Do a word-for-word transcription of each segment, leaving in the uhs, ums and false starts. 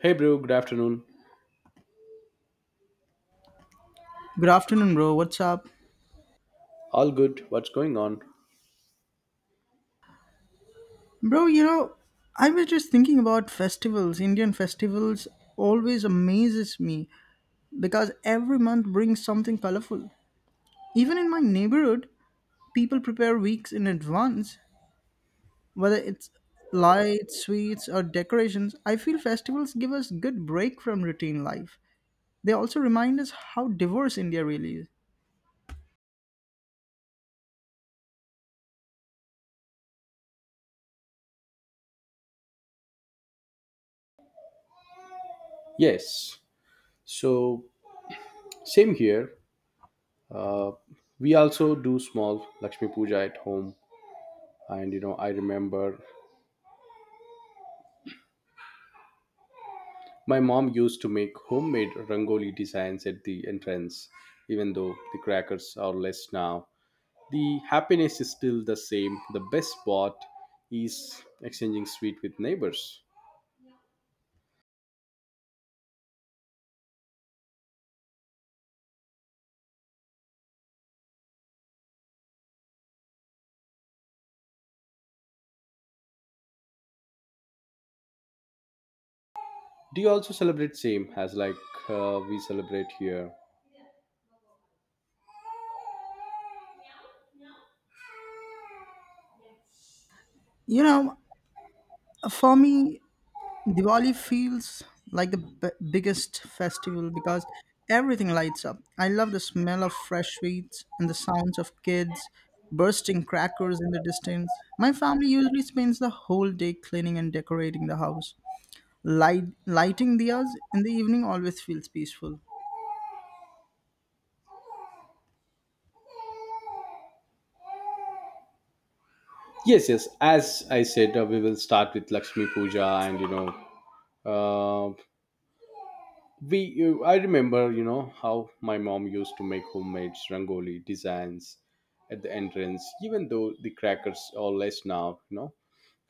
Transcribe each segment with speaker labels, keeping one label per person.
Speaker 1: Hey, bro, good afternoon.
Speaker 2: Good afternoon, bro. What's up?
Speaker 1: All good. What's going on?
Speaker 2: Bro, you know, I was just thinking about festivals. Indian festivals always amazes me because every month brings something colorful. Even in my neighborhood, people prepare weeks in advance, whether it's lights, sweets, or decorations. I feel festivals give us good break from routine life. They also remind us how diverse India really is.
Speaker 1: Yes. So, same here. Uh, we also do small Lakshmi Puja at home. And, you know, I remember my mom used to make homemade rangoli designs at the entrance, even though the crackers are less now. The happiness is still the same. The best part is exchanging sweet with neighbors. Do you also celebrate same as like uh, we celebrate here?
Speaker 2: You know, for me, Diwali feels like the b- biggest festival because everything lights up. I love the smell of fresh sweets and the sounds of kids bursting crackers in the distance. My family usually spends the whole day cleaning and decorating the house. Light, lighting diyas in the evening always feels peaceful.
Speaker 1: Yes, yes. As I said, uh, we will start with Lakshmi Puja, and you know, uh, we. You, I remember, you know, how my mom used to make homemade rangoli designs at the entrance. Even though the crackers are less now, you know,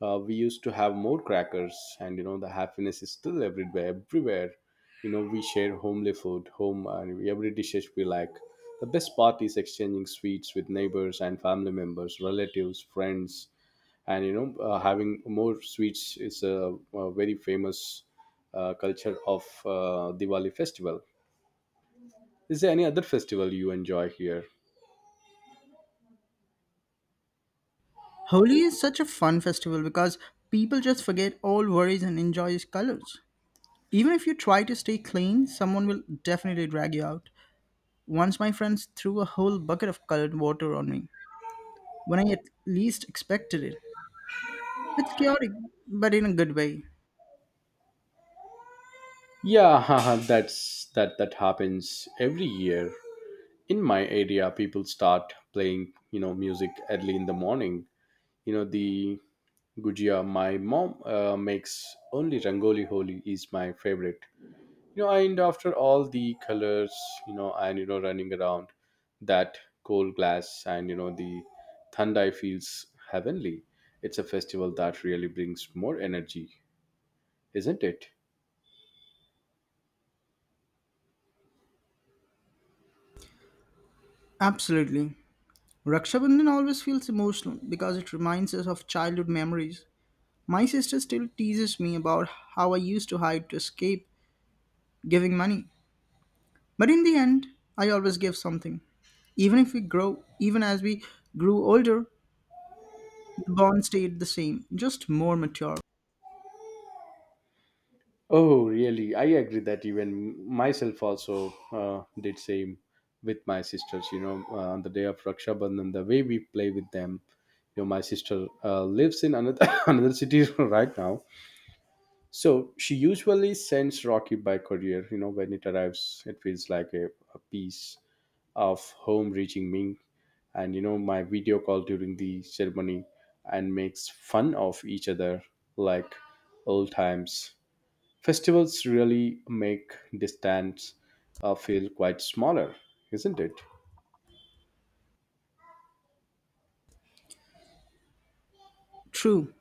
Speaker 1: uh, we used to have more crackers, and you know, the happiness is still everywhere. Everywhere, you know, we share homely food, home, and every dishes we like. The best part is exchanging sweets with neighbors and family members, relatives, friends and you know uh, having more sweets is a, a very famous uh, culture of uh, Diwali festival. Is there any other festival you enjoy here?
Speaker 2: Holi is such a fun festival because people just forget all worries and enjoy its colors. Even if you try to stay clean, someone will definitely drag you out. Once my friends threw a whole bucket of colored water on me when I at least expected it. It's chaotic, but in a good way.
Speaker 1: Yeah, that's that that happens every year. In my area, people start playing you know music early in the morning. You know the gujia. My mom uh, makes only rangoli. Holi is my favorite. You know and after all the colors you know and you know running around, that cold glass and you know the thandai feels heavenly. It's a festival that really brings more energy, isn't it?
Speaker 2: Absolutely. Raksha Bandhan always feels emotional because it reminds us of childhood memories. My sister still teases me about how I used to hide to escape giving money. But in the end, I always give something. Even if we grow, Even as we grew older, the bond stayed the same, just more mature.
Speaker 1: Oh, really, I agree that even myself also uh, did same with my sisters. You know uh, on the day of Raksha Bandhan, the way we play with them, you know my sister uh, lives in another another city right now. So she usually sends Rocky by courier. You know, when it arrives, it feels like a, a piece of home reaching me. And you know, my video call during the ceremony and makes fun of each other like old times. Festivals really make distance uh, feel quite smaller, isn't it?
Speaker 2: True,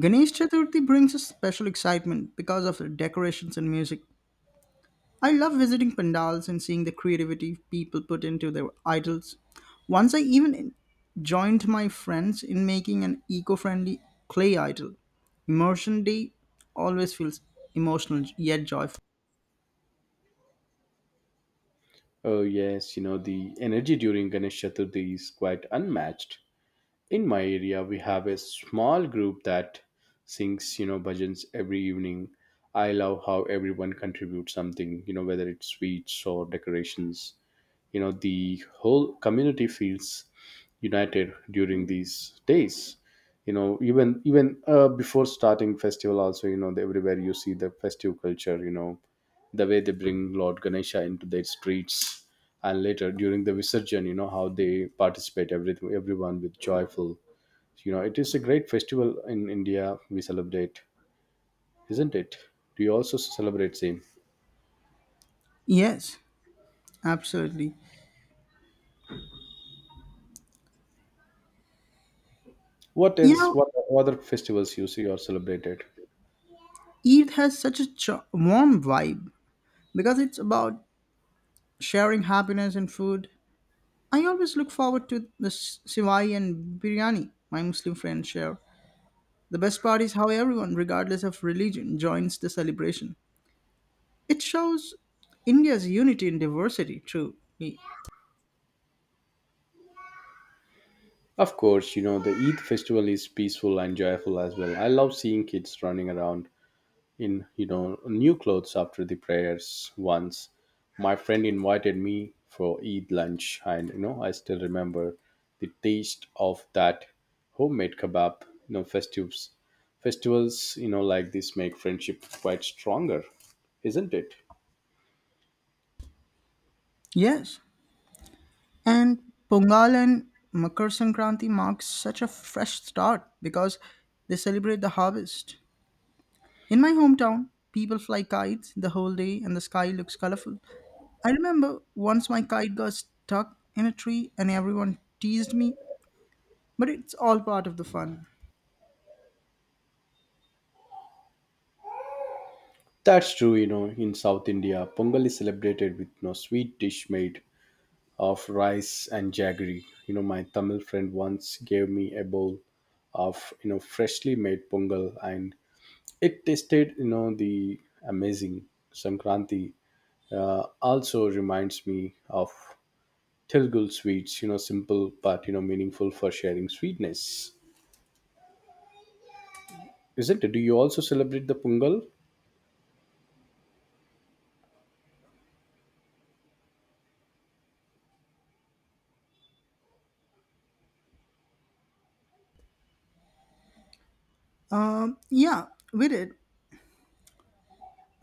Speaker 2: Ganesh Chaturthi brings a special excitement because of the decorations and music. I love visiting pandals and seeing the creativity people put into their idols. Once I even joined my friends in making an eco friendly clay idol. Immersion Day always feels emotional yet joyful.
Speaker 1: Oh yes, you know the energy during Ganesh Chaturthi is quite unmatched. In my area we have a small group that sings you know bhajans every evening. I love how everyone contributes something, you know whether it's sweets or decorations. You know the whole community feels united during these days. You know, even even uh, before starting festival also, you know, everywhere you see the festive culture. You know the way they bring Lord Ganesha into their streets, and later during the visarjan, you know how they participate, everything, everyone with joyful. You know, it is a great festival in India we celebrate, isn't it? Do you also celebrate same?
Speaker 2: Yes, absolutely.
Speaker 1: What
Speaker 2: You
Speaker 1: else?
Speaker 2: know,
Speaker 1: What other festivals you see or celebrated?
Speaker 2: Eid has such a ch- warm vibe because it's about sharing happiness and food. I always look forward to the sh- shivai and biryani my Muslim friends share. The best part is how everyone, regardless of religion, joins the celebration. It shows India's unity in diversity, truly.
Speaker 1: Of course, you know the Eid festival is peaceful and joyful as well. I love seeing kids running around in, you know new clothes after the prayers. Once my friend invited me for Eid lunch, and you know, I still remember the taste of that homemade kebab. You know festivals festivals you know like this make friendship quite stronger, isn't it?
Speaker 2: Yes, and Pongal and Makar Sankranti marks such a fresh start because they celebrate the harvest. In my hometown, people fly kites the whole day and the sky looks colorful. I remember once my kite got stuck in a tree and everyone teased me but it's all part of the fun.
Speaker 1: That's true, you know, in South India Pongal is celebrated with, you know sweet dish made of rice and jaggery. You know, my Tamil friend once gave me a bowl of you know freshly made pongal, and it tasted, you know, the amazing Sankranti. Uh, also reminds me of Tilgul sweets, you know, simple but you know meaningful for sharing sweetness, isn't it? Do you also celebrate the Pungal?
Speaker 2: Um, yeah, we did.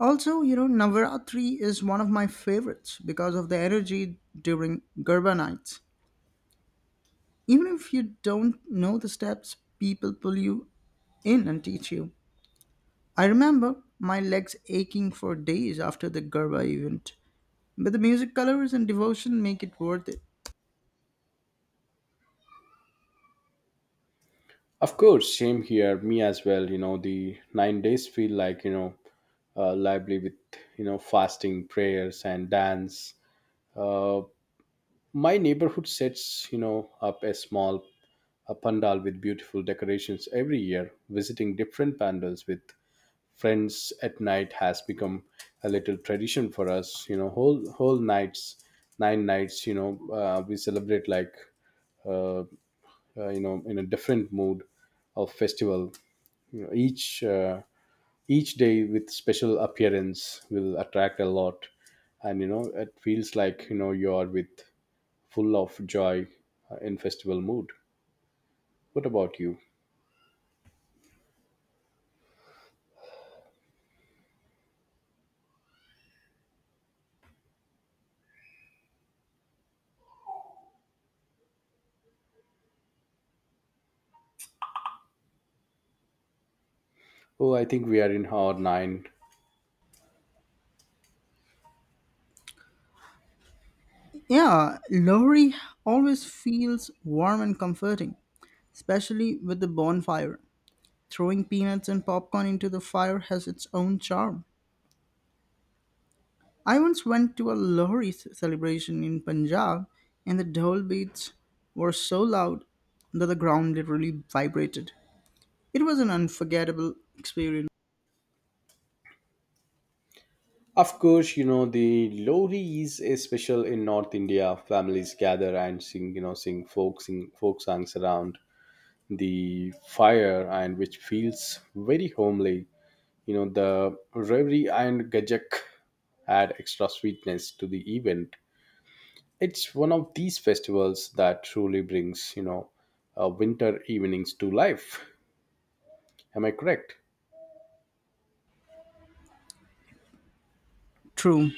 Speaker 2: Also, you know, Navaratri is one of my favorites because of the energy during Garba nights. Even if you don't know the steps, people pull you in and teach you. I remember my legs aching for days after the Garba event, but the music colors and devotion make it worth it.
Speaker 1: Of course, same here, me as well. You know, the nine days feel like, you know uh, lively with, you know fasting, prayers, and dance. Uh, my neighborhood sets, you know up a small a pandal with beautiful decorations every year. Visiting different pandals with friends at night has become a little tradition for us. You know, whole whole nights, nine nights, you know, uh, we celebrate like, uh, uh, you know, in a different mood of festival. You know, each uh, each day with special appearance will attract a lot, and you know it feels like, you know, you are with full of joy, uh, in festival mood. What about you? Oh, I think we are in hour nine.
Speaker 2: Yeah, Lohri always feels warm and comforting, especially with the bonfire. Throwing peanuts and popcorn into the fire has its own charm. I once went to a Lohri c- celebration in Punjab, and the dhol beats were so loud that the ground literally vibrated. It was an unforgettable experience.
Speaker 1: Of course, you know the Lori is a special in North India. Families gather and sing, you know, sing folk sing folk songs around the fire, and which feels very homely. You know the Revri and Gajak add extra sweetness to the event. It's one of these festivals that truly brings, you know uh, winter evenings to life. Am I correct?
Speaker 2: True.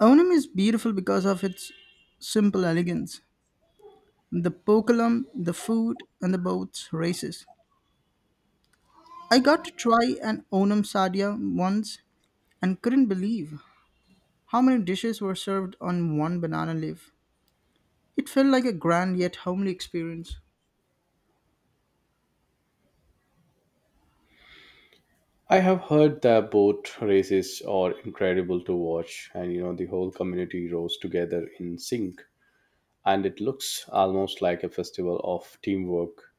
Speaker 2: Onam is beautiful because of its simple elegance. The pokalam, the food, and the boats races. I got to try an Onam sadhya once and couldn't believe how many dishes were served on one banana leaf. It felt like a grand yet homely experience.
Speaker 1: I have heard that boat races are incredible to watch, and you know, the whole community rows together in sync, and it looks almost like a festival of teamwork.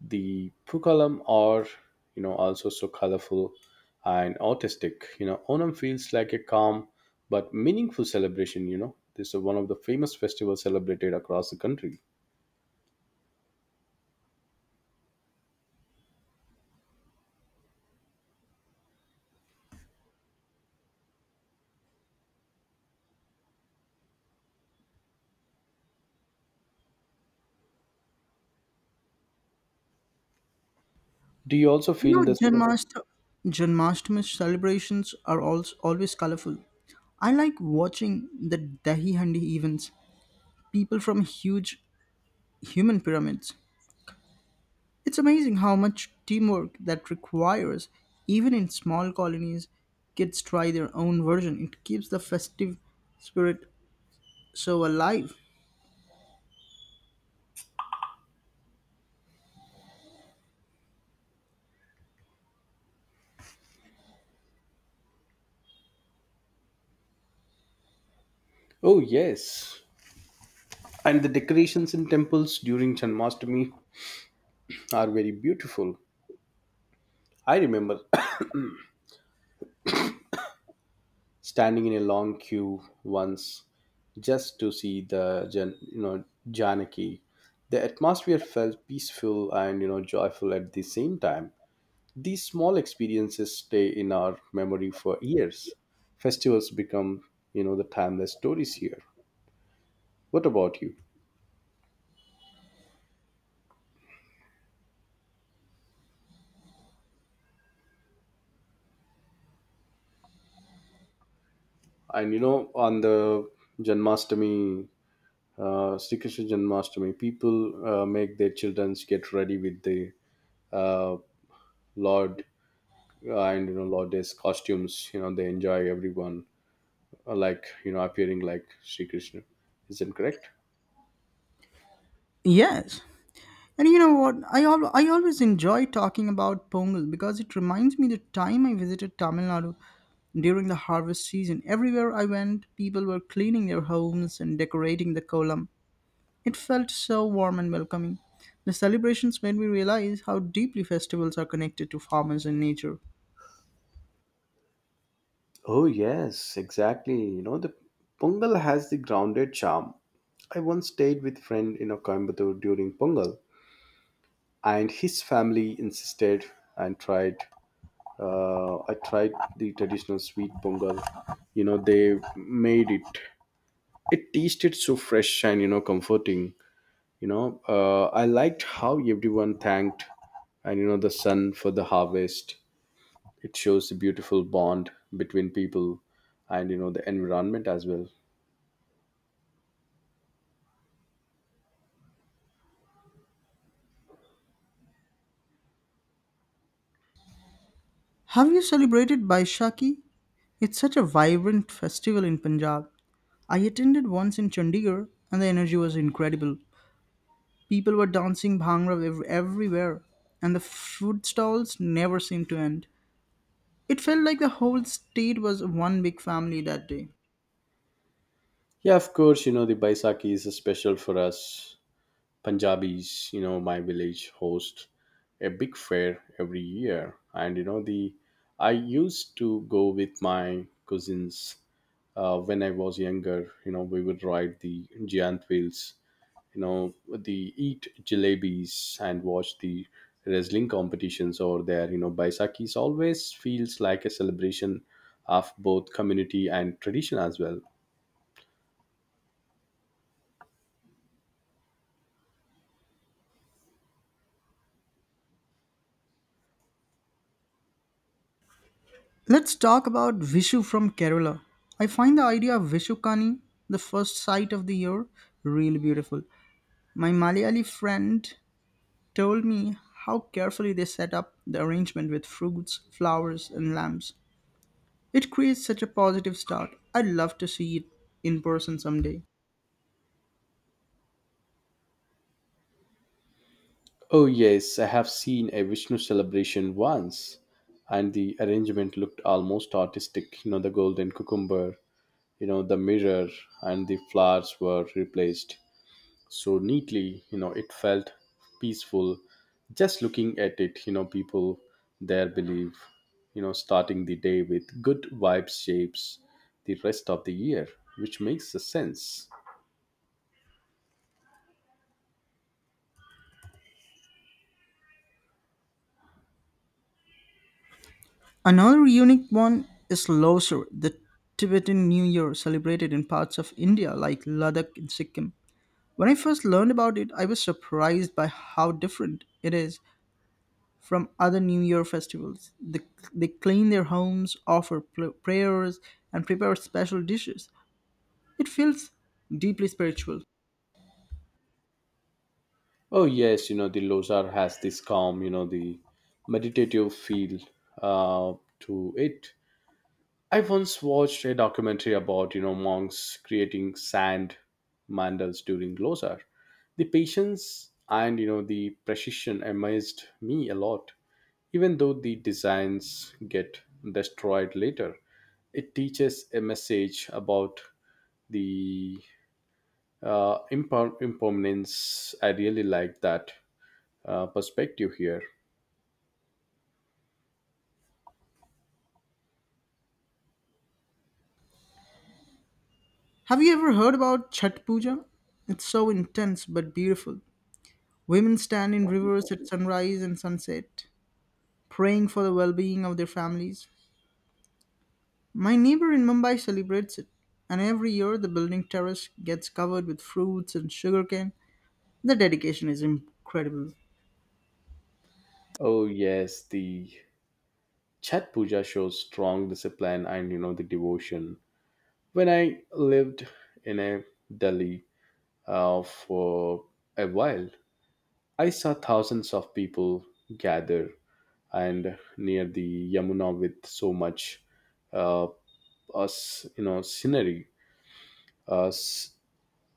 Speaker 1: The Pukalam are, you know, also so colorful and artistic. You know, Onam feels like a calm but meaningful celebration. You know, this is one of the famous festivals celebrated across the country. Do you also
Speaker 2: You
Speaker 1: feel
Speaker 2: know,
Speaker 1: the same?
Speaker 2: Janmasht- Janmashtami celebrations are also always colorful. I like watching the Dahi Handi events, people from huge human pyramids. It's amazing how much teamwork that requires. Even in small colonies, kids try their own version. It keeps the festive spirit so alive.
Speaker 1: Oh, yes. And the decorations in temples during Janmashtami are very beautiful. I remember standing in a long queue once just to see the Jan- you know Janaki. The atmosphere felt peaceful and, you know joyful at the same time. These small experiences stay in our memory for years. Festivals become, you know the timeless stories here. What about you? And you know on the Janmashtami, uh, Sri Krishna Janmashtami, people uh, make their children get ready with the, uh, Lord, uh, and you know nowadays costumes, you know, they enjoy everyone, uh, like you know appearing like Sri Krishna, isn't correct?
Speaker 2: Yes, and you know what? I al- I always enjoy talking about Pongal because it reminds me the time I visited Tamil Nadu during the harvest season. Everywhere I went, people were cleaning their homes and decorating the kolam. It felt so warm and welcoming. The celebrations made me realize how deeply festivals are connected to farmers and nature.
Speaker 1: Oh, yes, exactly. You know, the Pongal has the grounded charm. I once stayed with friend in a Coimbatore during Pongal, and his family insisted and tried. Uh, I tried the traditional sweet Pongal. You know, they made it. It tasted so fresh and, you know comforting. you know uh, I liked how everyone thanked and, you know the sun for the harvest. It shows a beautiful bond between people and, you know the environment as well.
Speaker 2: Have you celebrated Baishakhi? It's such a vibrant festival in Punjab. I attended once in Chandigarh and the energy was incredible. People were dancing bhangra ev- everywhere, and the food stalls never seemed to end. It felt like the whole state was one big family that day.
Speaker 1: Yeah, of course, you know the Baisakhi is special for us Punjabis. You know my village hosts a big fair every year, and you know the I used to go with my cousins uh, when I was younger. You know, we would ride the giant wheels, you know, they eat jalebis and watch the wrestling competitions. Or their, you know, Baisakis always feels like a celebration of both community and tradition as well.
Speaker 2: Let's talk about Vishu from Kerala. I find the idea of Vishukani, the first sight of the year, really beautiful. My Malayali friend told me how carefully they set up the arrangement with fruits, flowers, and lamps. It creates such a positive start. I'd love to see it in person someday.
Speaker 1: Oh yes, I have seen a Vishnu celebration once, and the arrangement looked almost artistic. You know the golden cucumber, you know the mirror, and the flowers were replaced so neatly. You know, it felt peaceful just looking at it. You know, people there believe, you know, starting the day with good vibes shapes the rest of the year, which makes a sense.
Speaker 2: Another unique one is Losar, the Tibetan New Year celebrated in parts of India like Ladakh and Sikkim. When I first learned about it, I was surprised by how different it is from other New Year festivals. The, they clean their homes, offer pl- prayers, and prepare special dishes. It feels deeply spiritual.
Speaker 1: Oh yes, you know the Lozar has this calm, you know the meditative feel uh, to it. I once watched a documentary about, you know monks creating sand mandals during Losar. The patience and, you know the precision amazed me a lot. Even though the designs get destroyed later, it teaches a message about the uh, imper- impermanence. I really like that uh, perspective here.
Speaker 2: Have you ever heard about Chhat Puja? It's so intense but beautiful. Women stand in rivers at sunrise and sunset, praying for the well being of their families. My neighbor in Mumbai celebrates it, and every year the building terrace gets covered with fruits and sugarcane. The dedication is incredible.
Speaker 1: Oh yes, the Chat Puja shows strong discipline and, you know the devotion. When I lived in a Delhi uh, for a while, I saw thousands of people gather and near the Yamuna with so much, uh, us you know scenery. Uh, s-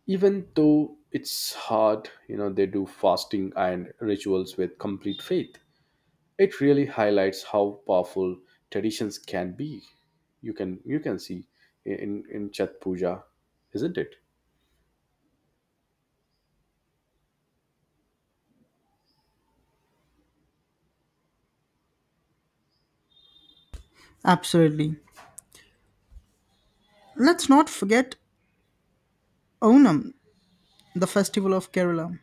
Speaker 1: Even though it's hard, you know, they do fasting and rituals with complete faith. It really highlights how powerful traditions can be. You can you can see in in Chat Puja, isn't it?
Speaker 2: Absolutely. Let's not forget Onam, the festival of Kerala.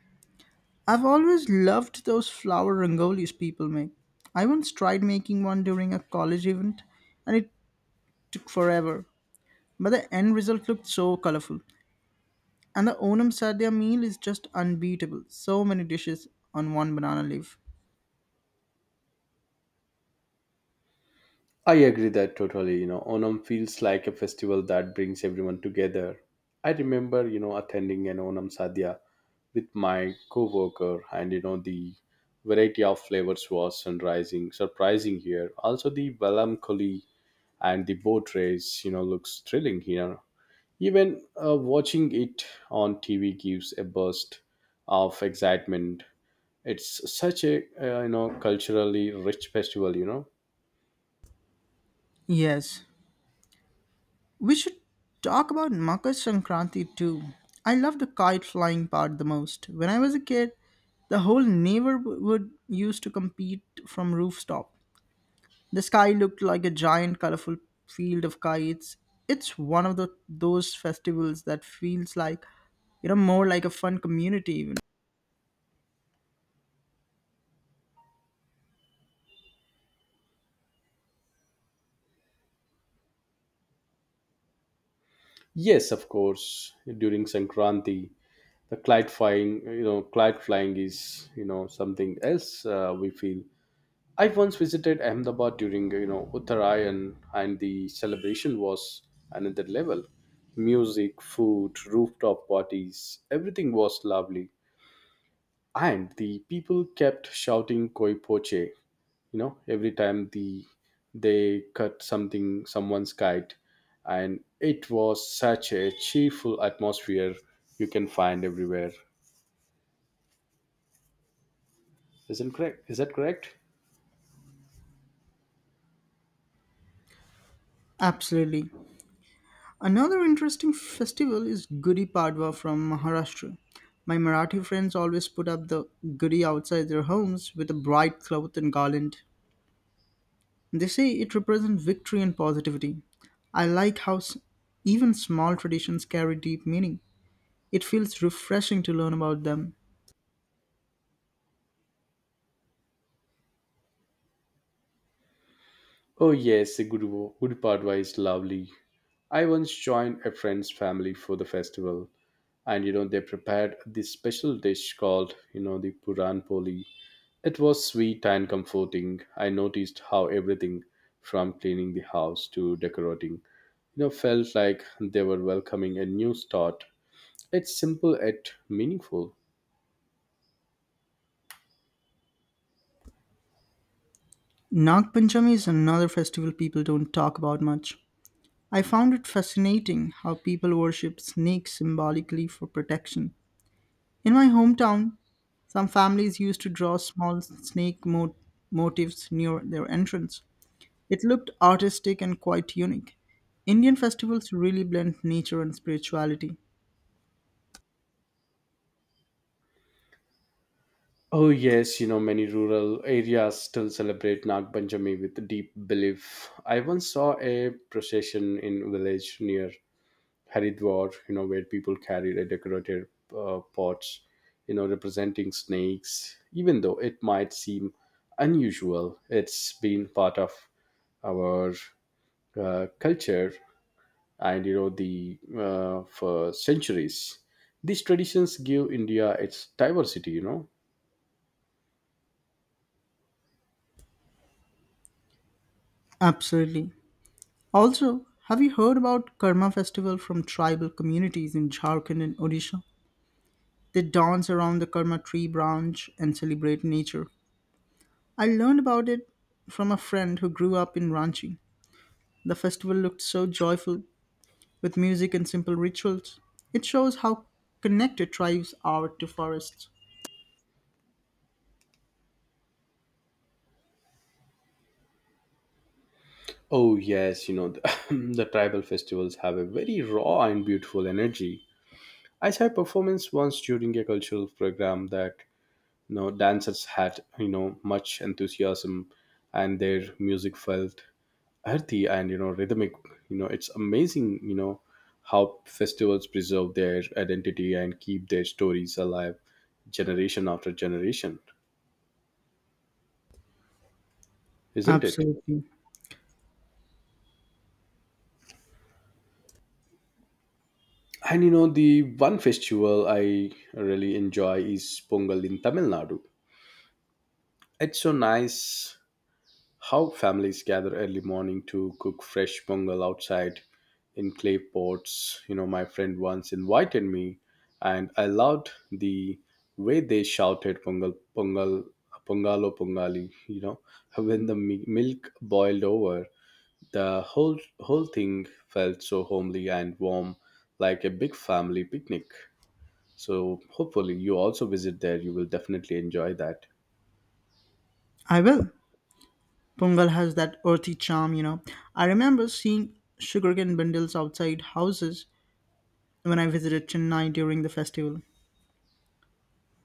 Speaker 2: I've always loved those flower rangolis people make. I once tried making one during a college event and it took forever, but the end result looked so colorful. And the Onam Sadhya meal is just unbeatable. So many dishes on one banana leaf.
Speaker 1: I agree that totally. You know, Onam feels like a festival that brings everyone together. I remember, you know, attending an Onam Sadhya with my coworker, and you know, the variety of flavors was sunrising, surprising here. Also, the melancholy and the boat race, you know, looks thrilling here. Even uh, watching it on T V gives a burst of excitement. It's such a, uh, you know, culturally rich festival, you know.
Speaker 2: Yes, we should talk about Makar Sankranti too. I love the kite flying part the most. When I was a kid, the whole neighborhood used to compete from rooftop. The sky looked like a giant colorful field of kites. It's one of the, those festivals that feels like, you know, more like a fun community even.
Speaker 1: Yes, of course. During Sankranti, the kite flying, you know, kite flying is, you know, something else uh, we feel. I once visited Ahmedabad during, you know, Uttarayan, and the celebration was another level. Music, food, rooftop parties, everything was lovely. And the people kept shouting koi poche, you know, every time the they cut something, someone's kite. And it was such a cheerful atmosphere you can find everywhere, isn't correct? Is that correct?
Speaker 2: Absolutely. Another interesting festival is Gudi Padwa from Maharashtra. My Marathi friends always put up the Gudi outside their homes with a bright cloth and garland. They say it represents victory and positivity. I like how s- even small traditions carry deep meaning. It feels refreshing to learn about them.
Speaker 1: Oh, yes, a Guru, Guru is lovely. I once joined a friend's family for the festival, and you know, they prepared this special dish called, you know, the Puran Poli. It was sweet and comforting. I noticed how everything from cleaning the house to decorating, you know, felt like they were welcoming a new start. It's simple yet meaningful.
Speaker 2: Nag Panchami is another festival people don't talk about much. I found it fascinating how people worship snakes symbolically for protection. In my hometown, some families used to draw small snake mo- motifs near their entrance. It looked artistic and quite unique. Indian festivals really blend nature and spirituality.
Speaker 1: Oh yes, you know many rural areas still celebrate Nag Panchami with deep belief. I once saw a procession in village near Haridwar, you know, where people carried a decorated uh, pots, you know, representing snakes. Even though it might seem unusual, it's been part of our uh, culture and you know the uh, for centuries. These traditions give India its diversity, you know.
Speaker 2: Absolutely. Also, have you heard about Karma Festival from tribal communities in Jharkhand and Odisha? They dance around the Karma tree branch and celebrate nature. I learned about it from a friend who grew up in Ranchi. The festival looked so joyful with music and simple rituals. It shows how connected tribes are to forests.
Speaker 1: Oh, yes, you know, the, the tribal festivals have a very raw and beautiful energy. I saw a performance once during a cultural program that, you know, dancers had, you know, much enthusiasm, and their music felt earthy and, you know, rhythmic. You know, it's amazing, you know, how festivals preserve their identity and keep their stories alive generation after generation, isn't it?
Speaker 2: Absolutely.
Speaker 1: And you know, the one festival I really enjoy is Pongal in Tamil Nadu. It's so nice how families gather early morning to cook fresh pongal outside in clay pots. You know, my friend once invited me, and I loved the way they shouted pongal, pongal, pongalo, pongali. You know, when the mi- milk boiled over, the whole whole thing felt so homely and warm, like a big family picnic. So hopefully, you also visit there. You will definitely enjoy that.
Speaker 2: I will. Pongal has that earthy charm, you know. I remember seeing sugarcane bundles outside houses when I visited Chennai during the festival.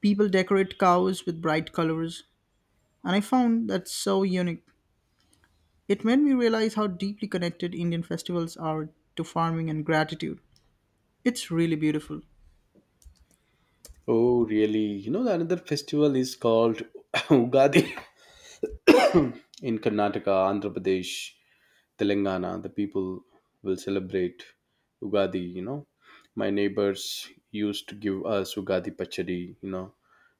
Speaker 2: People decorate cows with bright colors, and I found that so unique. It made me realize how deeply connected Indian festivals are to farming and gratitude. It's really beautiful.
Speaker 1: Oh, really? You know, another festival is called Ugadi in Karnataka, Andhra Pradesh, Telangana. The people will celebrate Ugadi, you know. My neighbors used to give us Ugadi pachadi, you know,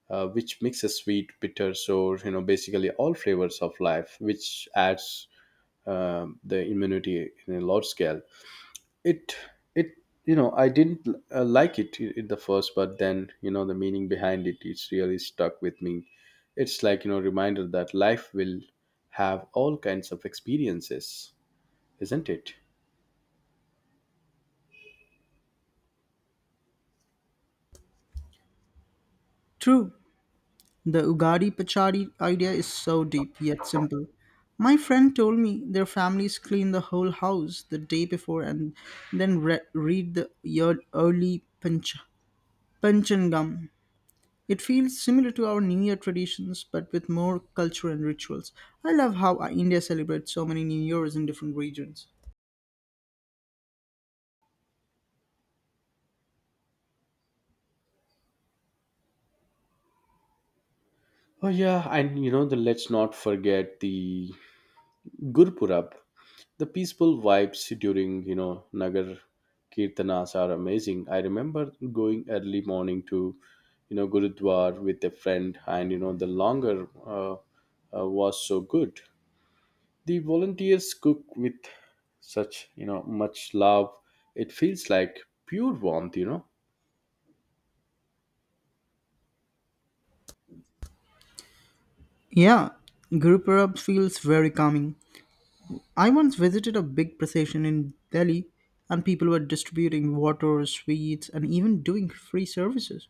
Speaker 1: uh, which mixes sweet, bitter, sour, you know, basically all flavors of life, which adds um the immunity in a large scale. It it, you know i didn't uh, like it i- in the first. But then, you know the meaning behind it, it's really stuck with me. It's like, you know reminder that life will have all kinds of experiences, isn't it?
Speaker 2: True, the Ugadi Pachadi idea is so deep yet simple. My friend told me their families clean the whole house the day before and then re- read the year early panch- Panchangam. It feels similar to our New Year traditions but with more culture and rituals. I love how uh, India celebrates so many New Years in different regions.
Speaker 1: Oh yeah, and you know the let's not forget the Gurpurab, the peaceful vibes during you know Nagar kirtanas are amazing. I remember going early morning to you know Gurudwar with a friend, and you know the longer uh, uh, was so good. The volunteers cook with such you know much love. It feels like pure warmth, you know.
Speaker 2: Yeah, Guru Purab feels very calming. I once visited a big procession in Delhi and people were distributing water, sweets, and even doing free services.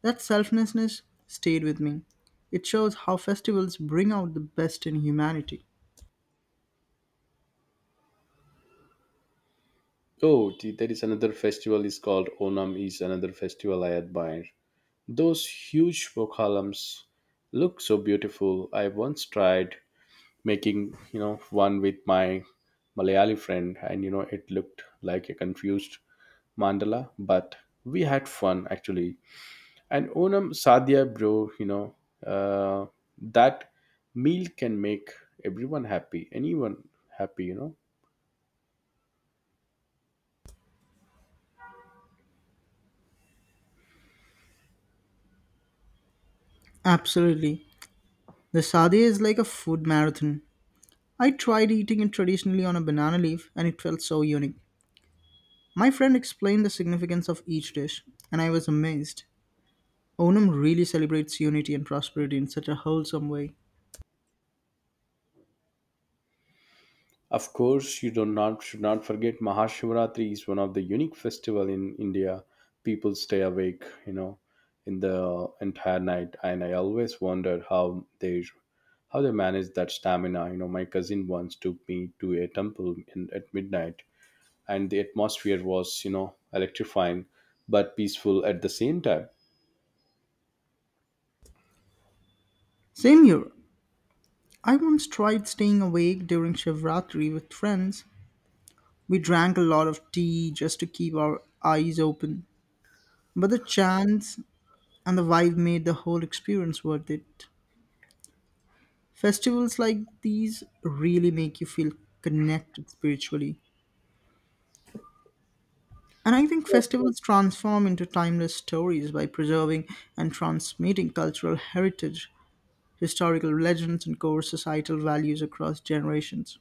Speaker 2: That selflessness stayed with me. It shows how festivals bring out the best in humanity.
Speaker 1: Oh, the- there is another festival is called Onam is another festival I admire. Those huge columns look so beautiful. I once tried making, you know, one with my Malayali friend, and you know it looked like a confused mandala, but we had fun actually. And Onam Sadhya bro, you know, uh, that meal can make everyone happy, anyone happy, you know.
Speaker 2: Absolutely. The sade is like a food marathon. I tried eating it traditionally on a banana leaf and it felt so unique. My friend explained the significance of each dish and I was amazed. Onam really celebrates unity and prosperity in such a wholesome way.
Speaker 1: Of course, you do not should not forget Mahashivratri is one of the unique festival in India. People stay awake, you know, in the entire night, and I always wonder how they how they manage that stamina. You know, my cousin once took me to a temple in, at midnight, and the atmosphere was, you know, electrifying but peaceful at the same time.
Speaker 2: Same here. I once tried staying awake during Shivratri with friends. We drank a lot of tea just to keep our eyes open. But the chants and the vibe made the whole experience worth it. Festivals like these really make you feel connected spiritually. And I think festivals transform into timeless stories by preserving and transmitting cultural heritage, historical legends, and core societal values across generations.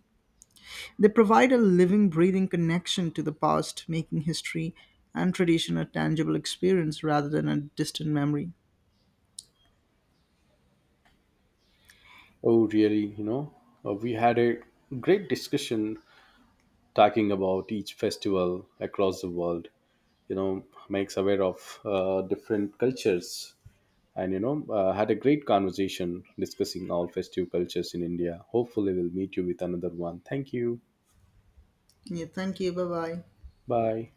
Speaker 2: They provide a living, breathing connection to the past, making history and tradition a tangible experience rather than a distant memory.
Speaker 1: Oh, really? You know, uh, we had a great discussion talking about each festival across the world. you know Makes aware of uh, different cultures, and you know uh, had a great conversation discussing all festive cultures in India. Hopefully, we'll meet you with another one. Thank you.
Speaker 2: Yeah, thank you. Bye bye.
Speaker 1: Bye.